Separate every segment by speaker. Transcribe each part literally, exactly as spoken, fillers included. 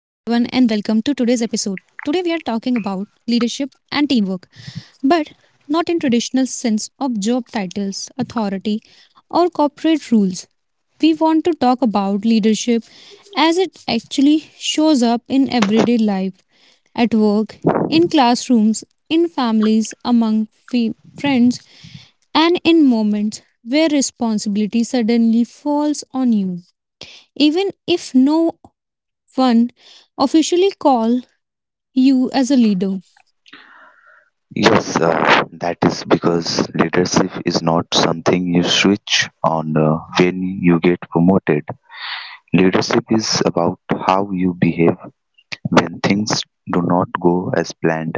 Speaker 1: Today, we are talking about leadership and teamwork, but not in traditional sense of job titles, authority, or corporate rules. We want to talk about leadership as it actually shows up in everyday life, at work, in classrooms, in families, among fe- friends, and in moments where responsibility suddenly falls on you even if no one officially call you as a leader.
Speaker 2: Yes, uh, that is because leadership is not something you switch on uh, when you get promoted. Leadership is about how you behave when things do not go as planned,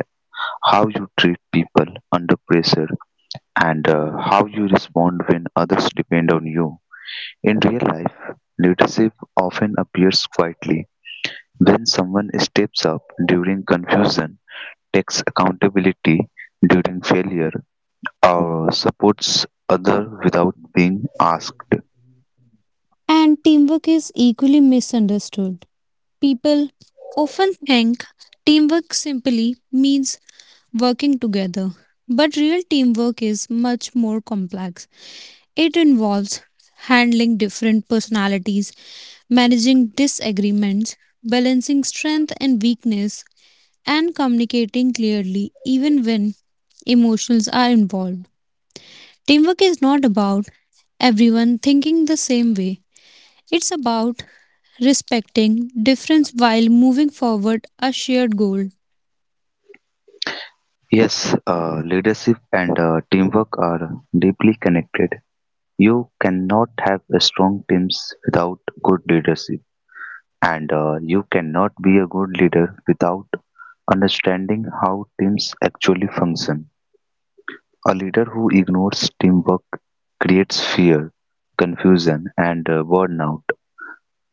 Speaker 2: how you treat people under pressure, and uh, how you respond when others depend on you. In real life, leadership often appears quietly when someone steps up during confusion, takes accountability during failure, or supports other without being asked.
Speaker 1: And teamwork is equally misunderstood. People often think teamwork simply means working together. But real teamwork is much more complex. It involves handling different personalities, managing disagreements, balancing strength and weakness, and communicating clearly even when emotions are involved. Teamwork is not about everyone thinking the same way, it's about respecting difference while moving forward a shared goal.
Speaker 2: Yes, uh, leadership and uh, teamwork are deeply connected. You cannot have strong teams without good leadership, and uh, you cannot be a good leader without understanding how teams actually function. A leader who ignores teamwork creates fear, confusion, and uh, burnout,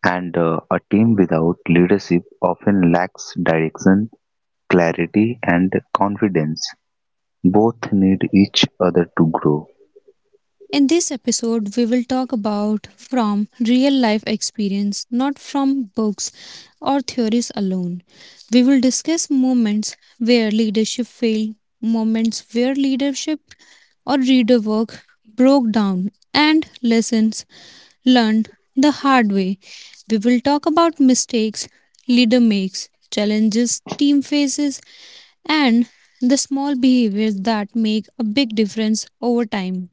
Speaker 2: and uh, a team without leadership often lacks direction. Clarity and confidence both need each other to grow.
Speaker 1: In this episode, we will talk about from real life experience, not from books or theories alone. We will discuss moments where leadership failed, moments where leadership or reader work broke down, and lessons learned the hard way. We will talk about mistakes leader makes, challenges team faces, and the small behaviors that make a big difference over time.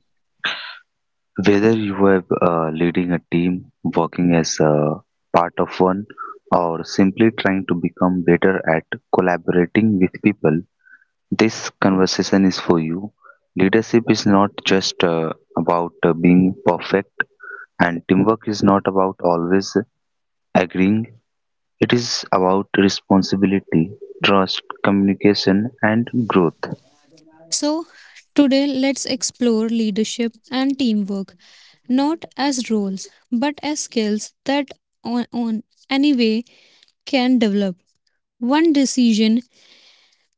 Speaker 2: Whether you are uh, leading a team, working as a part of one, or simply trying to become better at collaborating with people, this conversation is for you. Leadership is not just uh, about uh, being perfect, and teamwork is not about always agreeing. It is about responsibility, trust, communication, and growth.
Speaker 1: So, today let's explore leadership and teamwork, not as roles, but as skills that on, on any way can develop. One decision,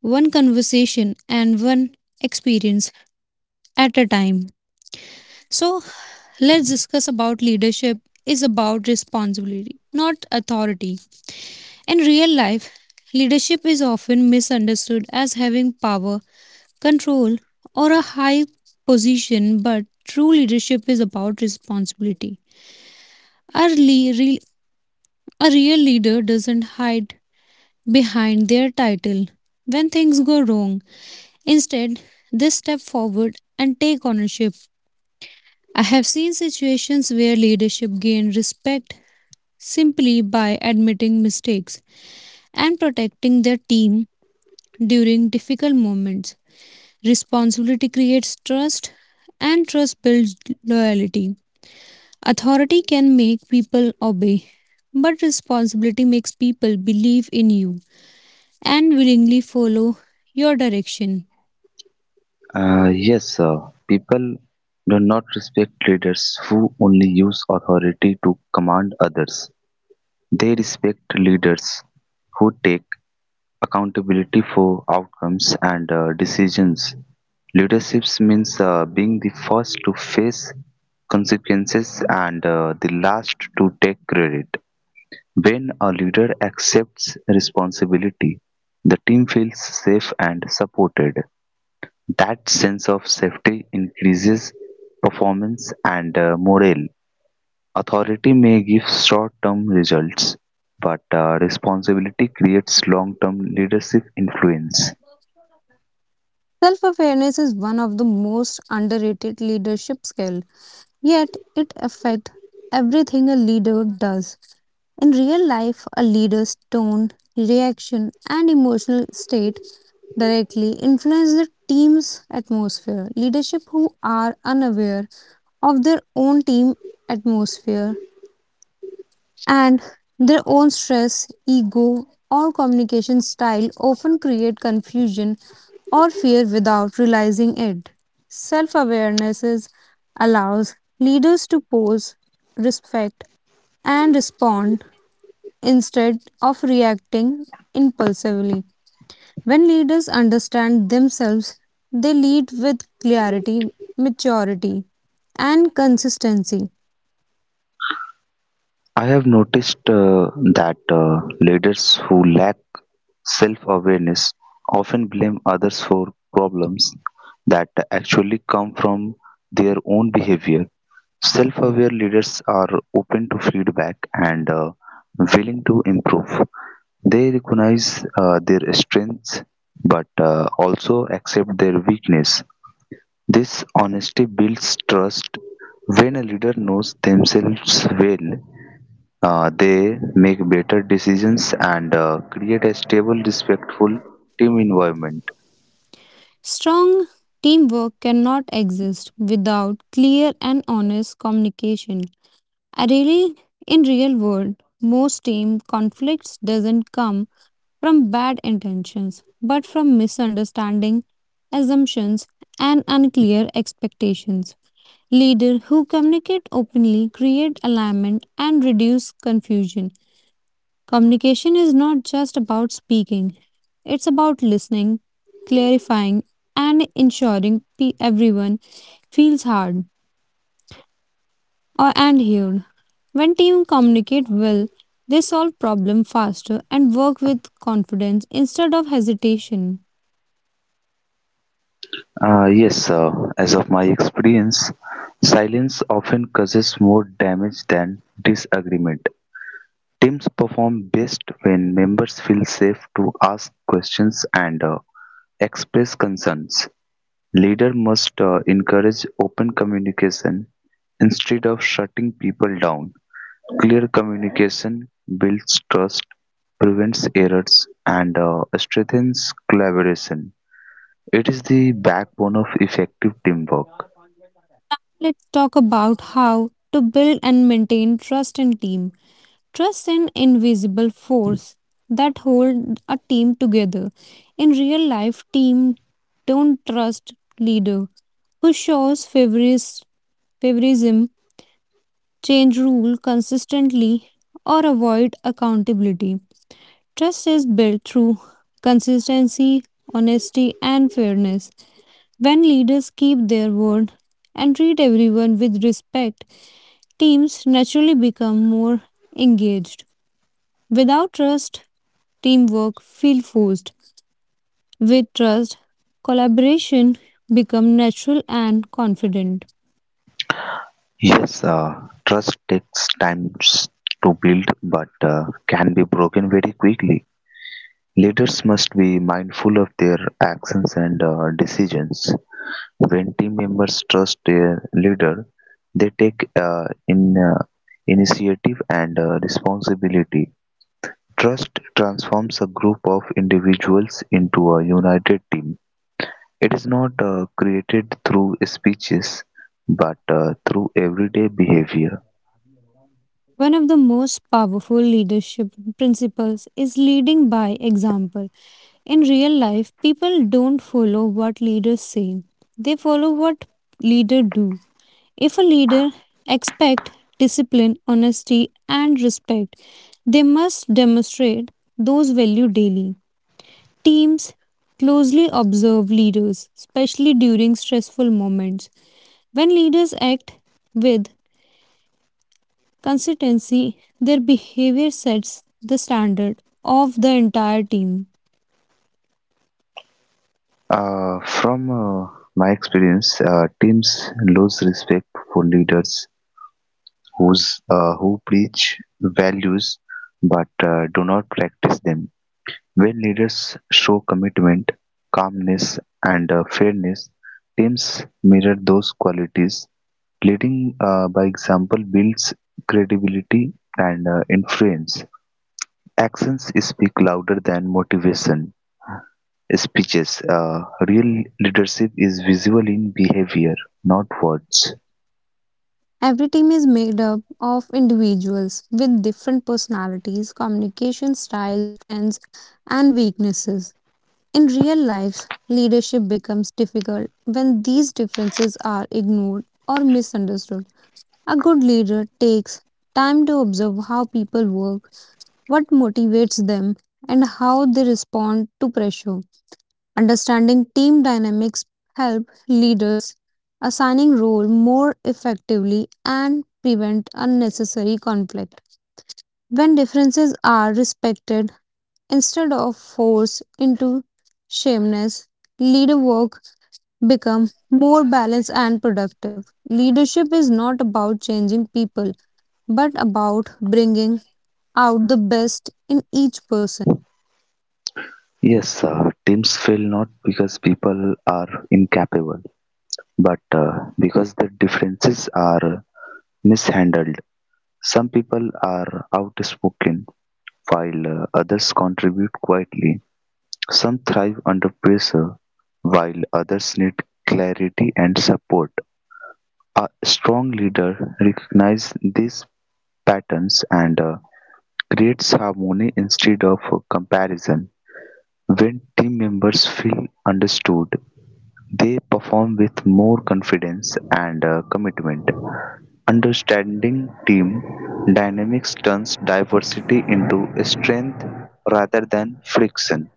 Speaker 1: one conversation, and one experience at a time. So let's discuss about leadership is about responsibility, not authority. In real life, leadership is often misunderstood as having power, control, or a high position, but true leadership is about responsibility. A, le- re- a real leader doesn't hide behind their title when things go wrong. Instead, they step forward and take ownership. I have seen situations where leadership gained respect simply by admitting mistakes and protecting their team during difficult moments. Responsibility creates trust, and trust builds loyalty. Authority can make people obey, but responsibility makes people believe in you and willingly follow your direction.
Speaker 2: Uh, yes, sir. People do not respect leaders who only use authority to command others. They respect leaders who take accountability for outcomes and uh, decisions. Leadership means uh, being the first to face consequences and uh, the last to take credit. When a leader accepts responsibility, the team feels safe and supported. That sense of safety increases performance and uh, morale. Authority may give short term results, but uh, responsibility creates long term leadership influence.
Speaker 1: Self awareness is one of the most underrated leadership skill, yet it affects everything a leader does. In real life, a leader's tone, reaction, and emotional state directly influence the team's atmosphere. Leadership who are unaware of their own team atmosphere and their own stress, ego, or communication style often create confusion or fear without realizing it. Self awareness allows leaders to pause, respect, and respond instead of reacting impulsively. When leaders understand themselves, they lead with clarity, maturity, and consistency.
Speaker 2: I have noticed uh, that uh, leaders who lack self awareness often blame others for problems that actually come from their own behavior. Self-aware leaders are open to feedback and uh, willing to improve. They recognize uh, their strengths but uh, also accept their weakness. This honesty builds trust. When a leader knows themselves well, uh, they make better decisions and uh, create a stable, respectful team environment.
Speaker 1: Strong teamwork cannot exist without clear and honest communication. I really in real world most team conflicts doesn't come from bad intentions but from misunderstanding, assumptions and unclear expectations. Leader who communicate openly create alignment and reduce confusion. Communication is not just about speaking, it's about listening, clarifying, and ensuring pe- everyone feels heard or and heard. When teams communicate well, they solve problems faster and work with confidence instead of hesitation.
Speaker 2: Uh, yes, uh, as of my experience, silence often causes more damage than disagreement. Teams perform best when members feel safe to ask questions and uh, express concerns. Leader must uh, encourage open communication instead of shutting people down. Clear communication builds trust, prevents errors, and uh, strengthens collaboration. It is the backbone of effective teamwork.
Speaker 1: Let's talk about how to build and maintain trust in team. Trust an invisible force that hold a team together. In real life, team don't trust leader who shows favoris- favoritism, change rule consistently, or avoid accountability. Trust is built through consistency, honesty, and fairness. When leaders keep their word and treat everyone with respect, teams naturally become more engaged. Without trust, teamwork feel forced. With trust, collaboration become natural and confident.
Speaker 2: Yes, uh, trust takes time s- to build but uh, can be broken very quickly. Leaders must be mindful of their actions and uh, decisions. When team members trust their leader, they take uh, in uh, initiative and uh, responsibility. Trust transforms a group of individuals into a united team. It is not uh, created through speeches but uh, through everyday behavior.
Speaker 1: One of the most powerful leadership principles is leading by example. In real life, people don't follow what leaders say. They follow what leader do. If a leader expect discipline, honesty and respect, they must demonstrate those value daily. Teams closely observe leaders, especially during stressful moments. When leaders act with consistency, their behavior sets the standard of the entire team.
Speaker 2: Uh, from uh, my experience, uh, teams lose respect for leaders who's, uh, who preach values but uh, do not practice them. When leaders show commitment, calmness, and uh, fairness, teams mirror those qualities. Leading uh, by example builds credibility and uh, influence. Actions speak louder than motivation. Speeches. Uh, real leadership is visible in behavior, not words.
Speaker 1: Every team is made up of individuals with different personalities, communication styles, strengths, and weaknesses. In real life, leadership becomes difficult when these differences are ignored or misunderstood. A good leader takes time to observe how people work, what motivates them, and how they respond to pressure. Understanding team dynamics help leaders assigning role more effectively and prevent unnecessary conflict. When differences are respected instead of forced into shameless, leader work become more balanced and productive. Leadership is not about changing people but about bringing out the best in each person.
Speaker 2: Yes, uh, teams fail not because people are incapable, but uh, because the differences are mishandled. Some people are outspoken, while uh, others contribute quietly. Some thrive under pressure, while others need clarity and support. A strong leader recognizes these patterns and uh, creates harmony instead of comparison. When team members feel understood, they perform with more confidence and uh, commitment. Understanding team dynamics turns diversity into strength rather than friction.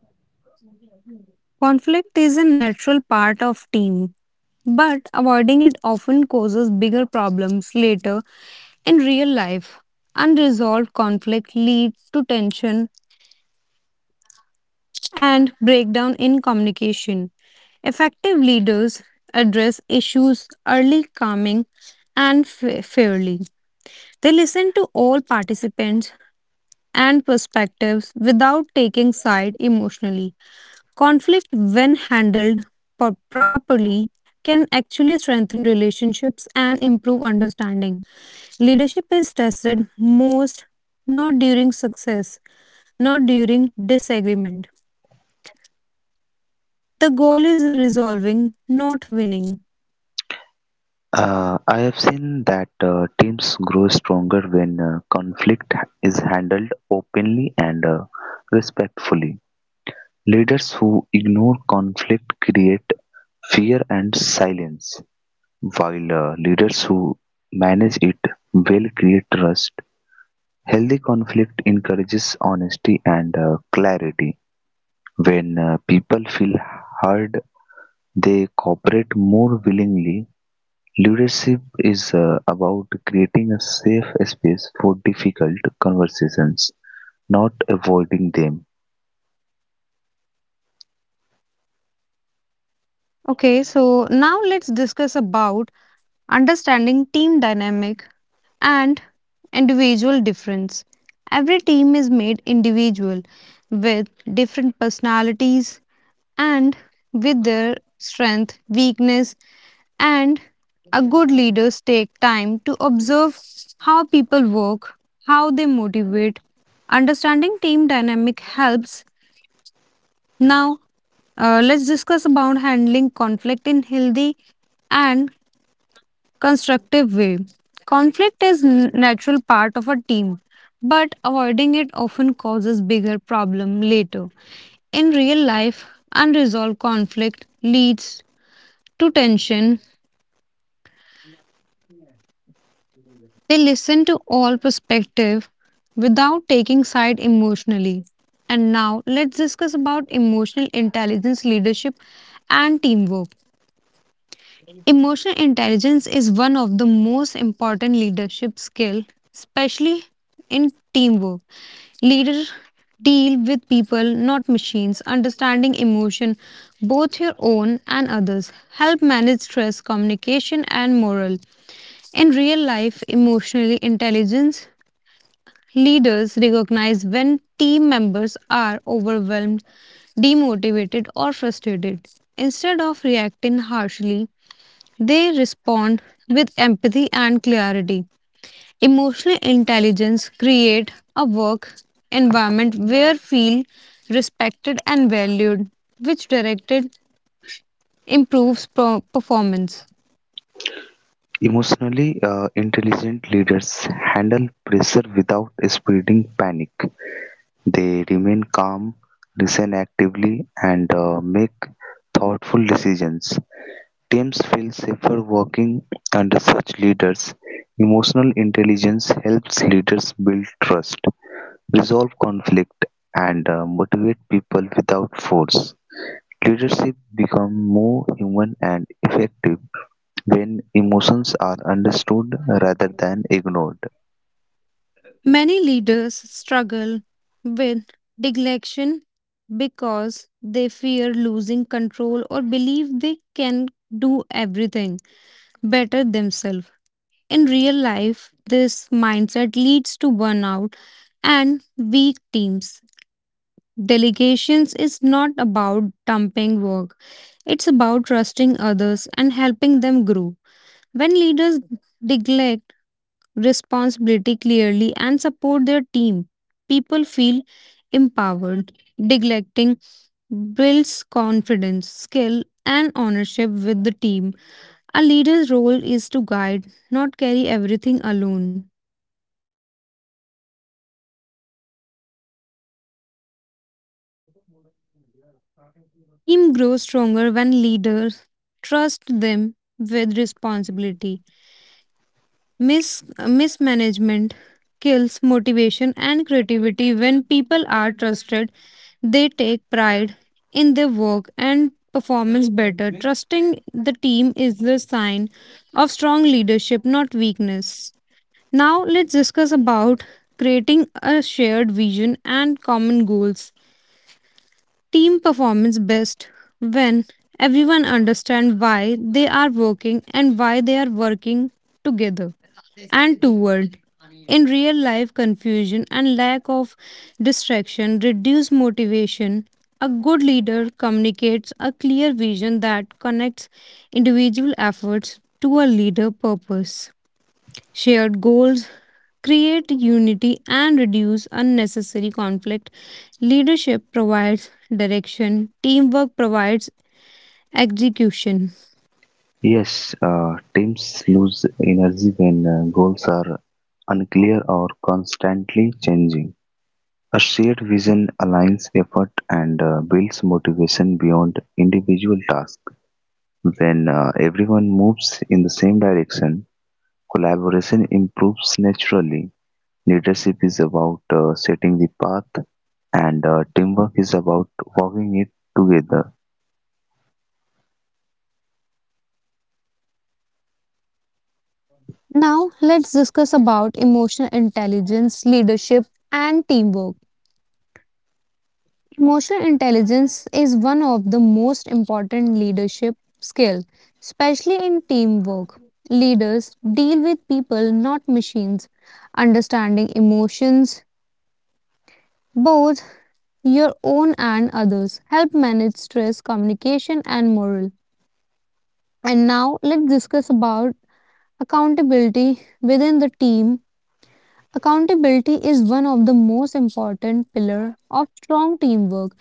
Speaker 1: Conflict is a natural part of team, but avoiding it often causes bigger problems later in real life. Unresolved conflict leads to tension and breakdown in communication. Effective leaders address issues early, calming, and fa- fairly. They listen to all participants and perspectives without taking side emotionally. Conflict, when handled pro- properly, can actually strengthen relationships and improve understanding. Leadership is tested most not during success, not during disagreement. The goal is resolving, not winning.
Speaker 2: Uh, I have seen that uh, teams grow stronger when uh, conflict is handled openly and uh, respectfully. Leaders who ignore conflict create fear and silence, while uh, leaders who manage it will create trust. Healthy conflict encourages honesty and uh, clarity. When uh, people feel heard, they cooperate more willingly. Leadership is uh, about creating a safe space for difficult conversations, not avoiding them.
Speaker 1: Okay, so now let's discuss about understanding team dynamic and individual difference. Every team is made individual with different personalities, and with their strength, weakness, and a good leaders take time to observe how people work, how they motivate. Understanding team dynamic helps. Now, uh, let's discuss about handling conflict in healthy and constructive way. Conflict is n- natural part of a team, but avoiding it often causes bigger problem later. In real life, unresolved conflict leads to tension, they listen to all perspective without taking side emotionally. And now let's discuss about emotional intelligence leadership and teamwork. Emotional intelligence is one of the most important leadership skill, especially in teamwork. Leaders deal with people, not machines. Understanding emotion, both your own and others, help manage stress, communication, and morale. In real life, emotionally intelligent leaders recognize when team members are overwhelmed, demotivated, or frustrated. Instead of reacting harshly, they respond with empathy and clarity. Emotional intelligence create a work environment where feel respected and valued, which directed improves pro- performance.
Speaker 2: Emotionally uh, intelligent leaders handle pressure without spreading panic. They remain calm, listen actively, and uh, make thoughtful decisions. Teams feel safer working under such leaders. Emotional intelligence helps leaders build trust, resolve conflict, and uh, motivate people without force. Leadership becomes more human and effective when emotions are understood rather than ignored.
Speaker 1: Many leaders struggle with neglection because they fear losing control or believe they can do everything better themselves. In real life, this mindset leads to burnout and weak teams. Delegations is not about dumping work, it's about trusting others and helping them grow. When leaders neglect responsibility clearly and support their team, people feel empowered. Neglecting builds confidence, skill, and ownership with the team. A leader's role is to guide, not carry everything alone. Team grows stronger when leaders trust them with responsibility. Mis- uh, mismanagement kills motivation and creativity. When people are trusted, they take pride in their work and performance better. Trusting the team is the sign of strong leadership, not weakness. Now, let's discuss about creating a shared vision and common goals. Team performance best when everyone understands why they are working and why they are working together and toward. In real life, confusion and lack of distraction reduce motivation. A good leader communicates a clear vision that connects individual efforts to a leader purpose. Shared goals create unity, and reduce unnecessary conflict. Leadership provides direction, teamwork provides execution.
Speaker 2: Yes, uh, teams lose energy when uh, goals are unclear or constantly changing. A shared vision aligns effort and uh, builds motivation beyond individual tasks. When uh, everyone moves in the same direction, collaboration improves naturally. Leadership is about uh, setting the path, and uh, teamwork is about walking it together.
Speaker 1: Now, let's discuss about emotional intelligence, leadership, and teamwork. Emotional intelligence is one of the most important leadership skill, especially in teamwork. Leaders deal with people, not machines. Understanding emotions, both your own and others, help manage stress, communication, and morale. And now let's discuss about accountability within the team. Accountability is one of the most important pillar of strong teamwork.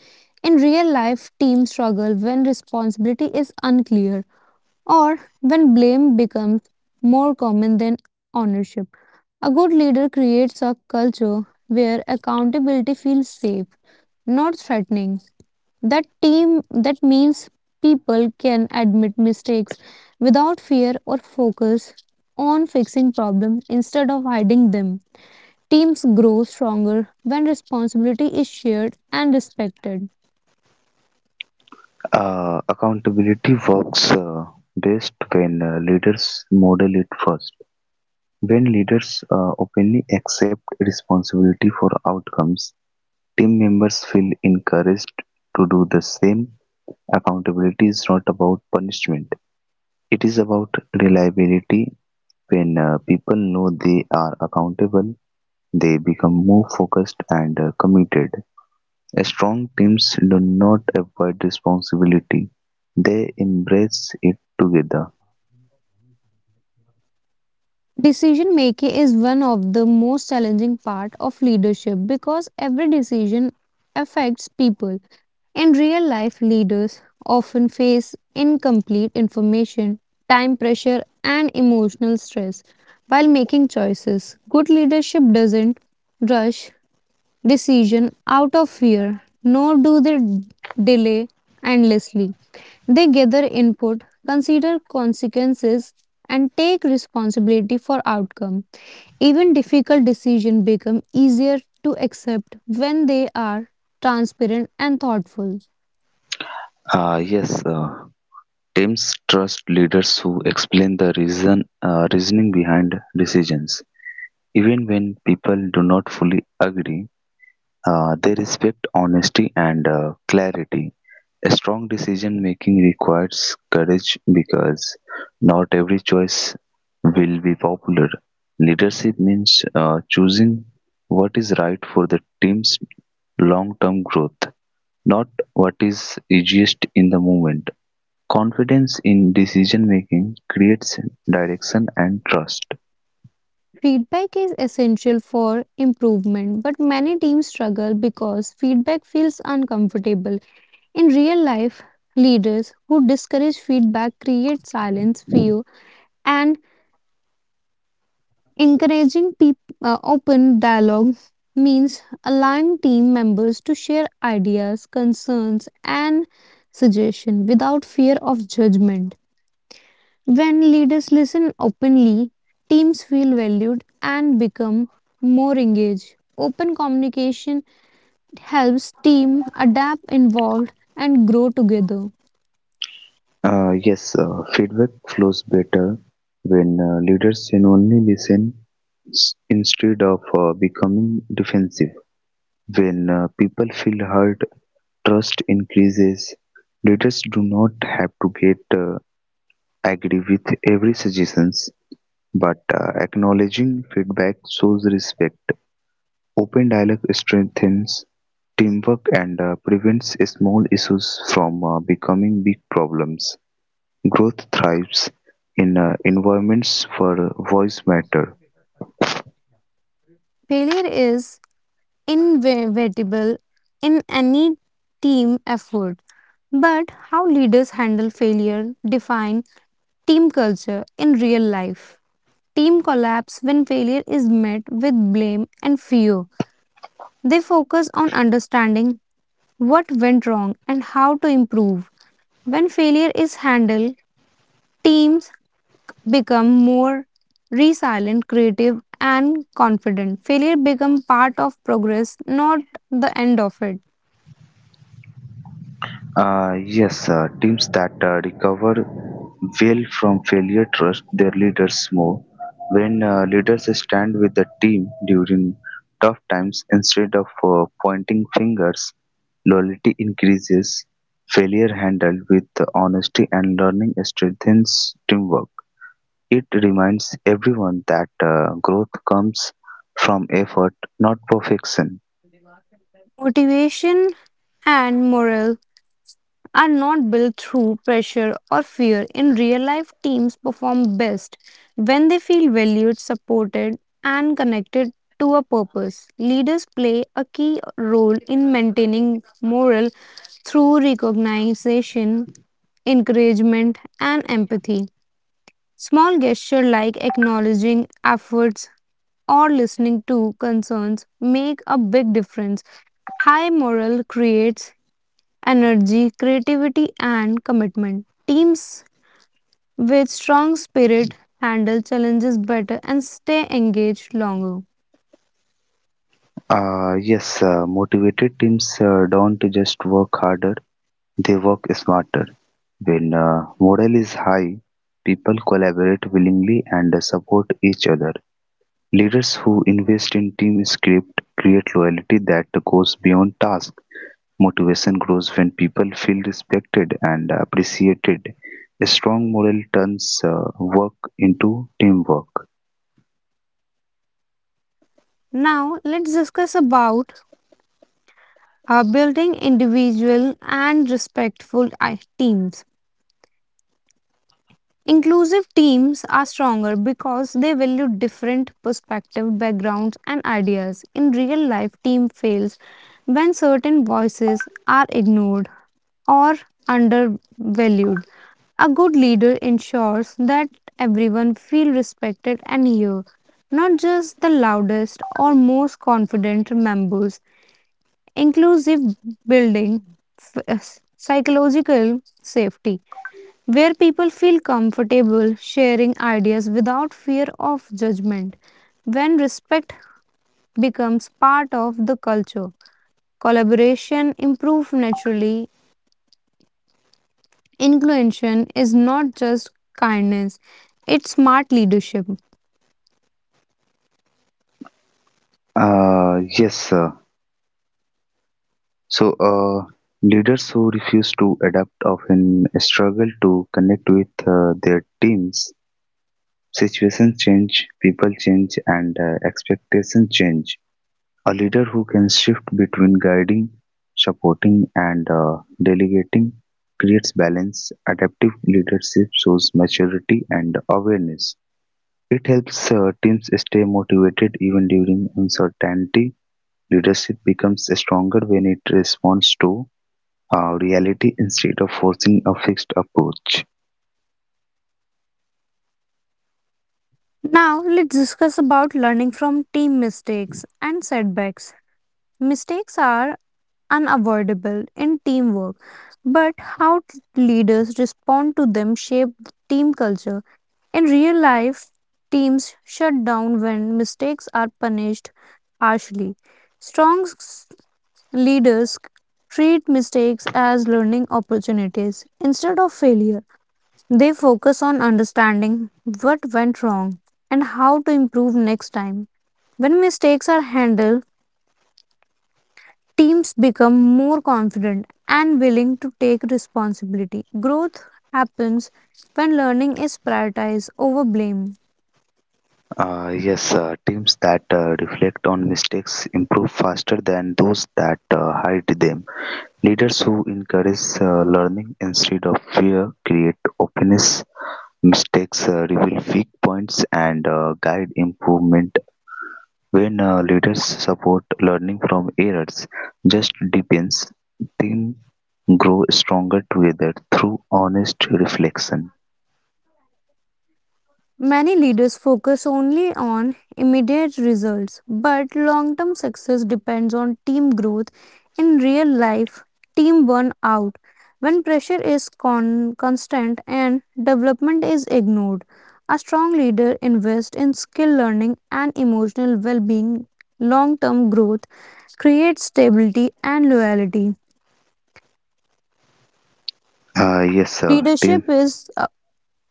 Speaker 1: In real life, teams struggle when responsibility is unclear or when blame becomes more common than ownership. A good leader creates a culture where accountability feels safe, not threatening. That team that means people can admit mistakes without fear or focus on fixing problems instead of hiding them. Teams grow stronger when responsibility is shared and respected.
Speaker 2: Uh, accountability works uh, best when uh, leaders model it first. When leaders uh, openly accept responsibility for outcomes, team members feel encouraged to do the same. Accountability is not about punishment, it is about reliability. When uh, people know they are accountable, they become more focused and uh, committed. Strong teams do not avoid responsibility, they embrace it together.
Speaker 1: Decision making is one of the most challenging part of leadership because every decision affects people. In real life, leaders often face incomplete information, time pressure, and emotional stress while making choices. Good leadership doesn't rush decision out of fear, nor do they delay endlessly. They gather input, consider consequences, and take responsibility for outcome. Even difficult decisions become easier to accept when they are transparent and thoughtful.
Speaker 2: Ah, yes, uh, teams trust leaders who explain the reason uh, reasoning behind decisions. Even when people do not fully agree, uh, they respect honesty and uh, clarity. A strong decision making requires courage because not every choice will be popular. Leadership means uh, choosing what is right for the team's long term growth, not what is easiest in the moment. Confidence in decision-making creates direction and trust.
Speaker 1: Feedback is essential for improvement, but many teams struggle because feedback feels uncomfortable. In real life, leaders who discourage feedback create silence, fear, and encouraging peop- uh, open dialogue means allowing team members to share ideas, concerns, and suggestions without fear of judgment. When leaders listen openly, teams feel valued and become more engaged. Open communication helps team adapt, involve, and grow together.
Speaker 2: Uh, yes, uh, feedback flows better when uh, leaders genuinely listen s- instead of uh, becoming defensive. When uh, people feel heard, trust increases. Leaders do not have to get uh, agree with every suggestions, but uh, acknowledging feedback shows respect. Open dialogue strengthens teamwork and uh, prevents small issues from uh, becoming big problems. Growth thrives in uh, environments where voice matter.
Speaker 1: Failure is inevitable in any team effort, but how leaders handle failure define team culture in real life. Team collapse when failure is met with blame and fear. They focus on understanding what went wrong, and how to improve. When failure is handled, teams become more resilient, creative, and confident. Failure becomes part of progress, not the end of it.
Speaker 2: Uh, yes, uh, teams that uh, recover well from failure trust their leaders more. When uh, leaders stand with the team during tough times instead of uh, pointing fingers, loyalty increases. Failure handled with honesty and learning strengthens teamwork. It reminds everyone that uh, growth comes from effort, not perfection.
Speaker 1: Motivation and morale are not built through pressure or fear. In real life, teams perform best when they feel valued, supported, and connected to a purpose. Leaders play a key role in maintaining morale through recognition, encouragement, and empathy. Small gestures like acknowledging efforts or listening to concerns make a big difference. High morale creates energy, creativity, and commitment. Teams with strong spirit handle challenges better and stay engaged longer.
Speaker 2: Uh, yes, uh, motivated teams uh, don't just work harder, they work smarter. When uh, morale is high, people collaborate willingly and support each other. Leaders who invest in team script create loyalty that goes beyond task. Motivation grows when people feel respected and appreciated. A strong morale turns uh, work into teamwork.
Speaker 1: Now, let's discuss about uh, building individual and respectful i- teams. Inclusive teams are stronger because they value different perspectives, backgrounds, and ideas. In real life, team fails when certain voices are ignored or undervalued. A good leader ensures that everyone feel respected and heard, not just the loudest or most confident members. Inclusive building f- uh, psychological safety where people feel comfortable sharing ideas without fear of judgment. When respect becomes part of the culture, collaboration improves naturally. Inclusion is not just kindness, it's smart leadership.
Speaker 2: Uh, yes, sir. So, uh, leaders who refuse to adapt often struggle to connect with uh, their teams. Situations change, people change, and uh, expectations change. A leader who can shift between guiding, supporting, and uh, delegating creates balance. Adaptive leadership shows maturity and awareness. It helps uh, teams stay motivated even during uncertainty. Leadership becomes stronger when it responds to uh, reality instead of forcing a fixed approach.
Speaker 1: Now, let's discuss about learning from team mistakes and setbacks. Mistakes are unavoidable in teamwork, but how t- leaders respond to them shape the team culture. In real life, teams shut down when mistakes are punished harshly. Strong s- leaders treat mistakes as learning opportunities instead of failure. They focus on understanding what went wrong and how to improve next time. When mistakes are handled, teams become more confident and willing to take responsibility. Growth happens when learning is prioritized over blame.
Speaker 2: Uh, yes, uh, teams that uh, reflect on mistakes improve faster than those that uh, hide them. Leaders who encourage uh, learning instead of fear create openness. Mistakes uh, reveal weak points and uh, guide improvement. When uh, leaders support learning from errors, just depends, team grow stronger together through honest reflection.
Speaker 1: Many leaders focus only on immediate results, but long term success depends on team growth. In real life, team burn out when pressure is con- constant and development is ignored. A strong leader invests in skill learning and emotional well being. Long term growth creates stability and loyalty.
Speaker 2: Uh, yes, sir. Team.
Speaker 1: Leadership is uh,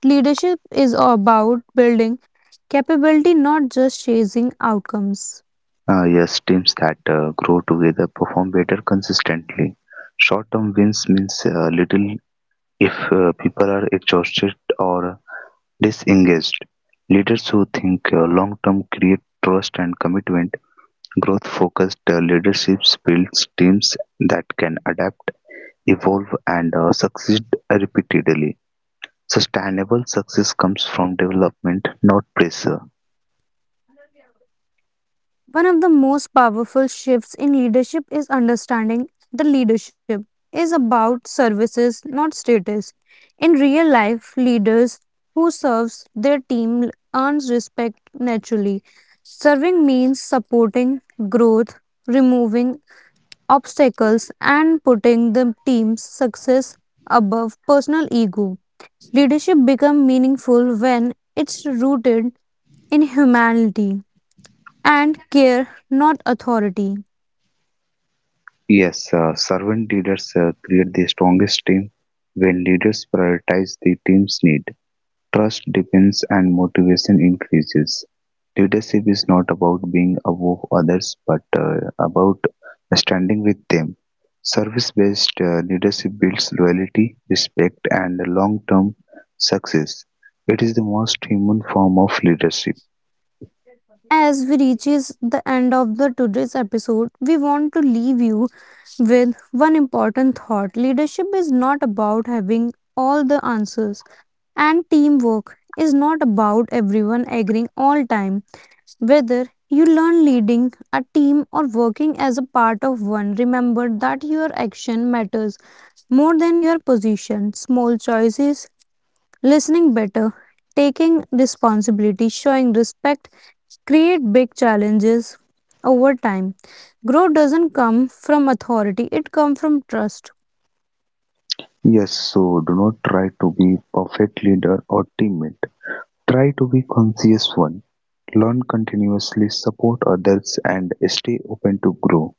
Speaker 1: leadership is about building capability, not just chasing outcomes.
Speaker 2: Uh, yes, teams that uh, grow together perform better consistently. Short term wins means uh, little if uh, people are exhausted or disengaged. Leaders who think uh, long term create trust and commitment. Growth focused uh, leadership builds teams that can adapt, evolve, and uh, succeed repeatedly. Sustainable success comes from development, not pressure.
Speaker 1: One of the most powerful shifts in leadership is understanding the leadership is about services, not status. In real life, leaders who serves their team earns respect naturally. Serving means supporting growth, removing obstacles, and putting the team's success above personal ego. Leadership becomes meaningful when it's rooted in humanity and care, not authority.
Speaker 2: Yes, uh, servant leaders uh, create the strongest team when leaders prioritize the team's need. Trust depends and motivation increases. Leadership is not about being above others but uh, about standing with them. Service based leadership builds loyalty, respect, and long term success. It is the most human form of leadership.
Speaker 1: As we reaches the end of the today's episode, we want to leave you with one important thought. Leadership is not about having all the answers and teamwork is not about everyone agreeing all time. Whether you learn leading a team or working as a part of one, remember that your action matters more than your position, small choices, listening better, taking responsibility, showing respect create big challenges over time. Growth doesn't come from authority, it comes from trust.
Speaker 2: Yes, so do not try to be perfect leader or teammate. Try to be conscious one, learn continuously, support others and stay open to grow.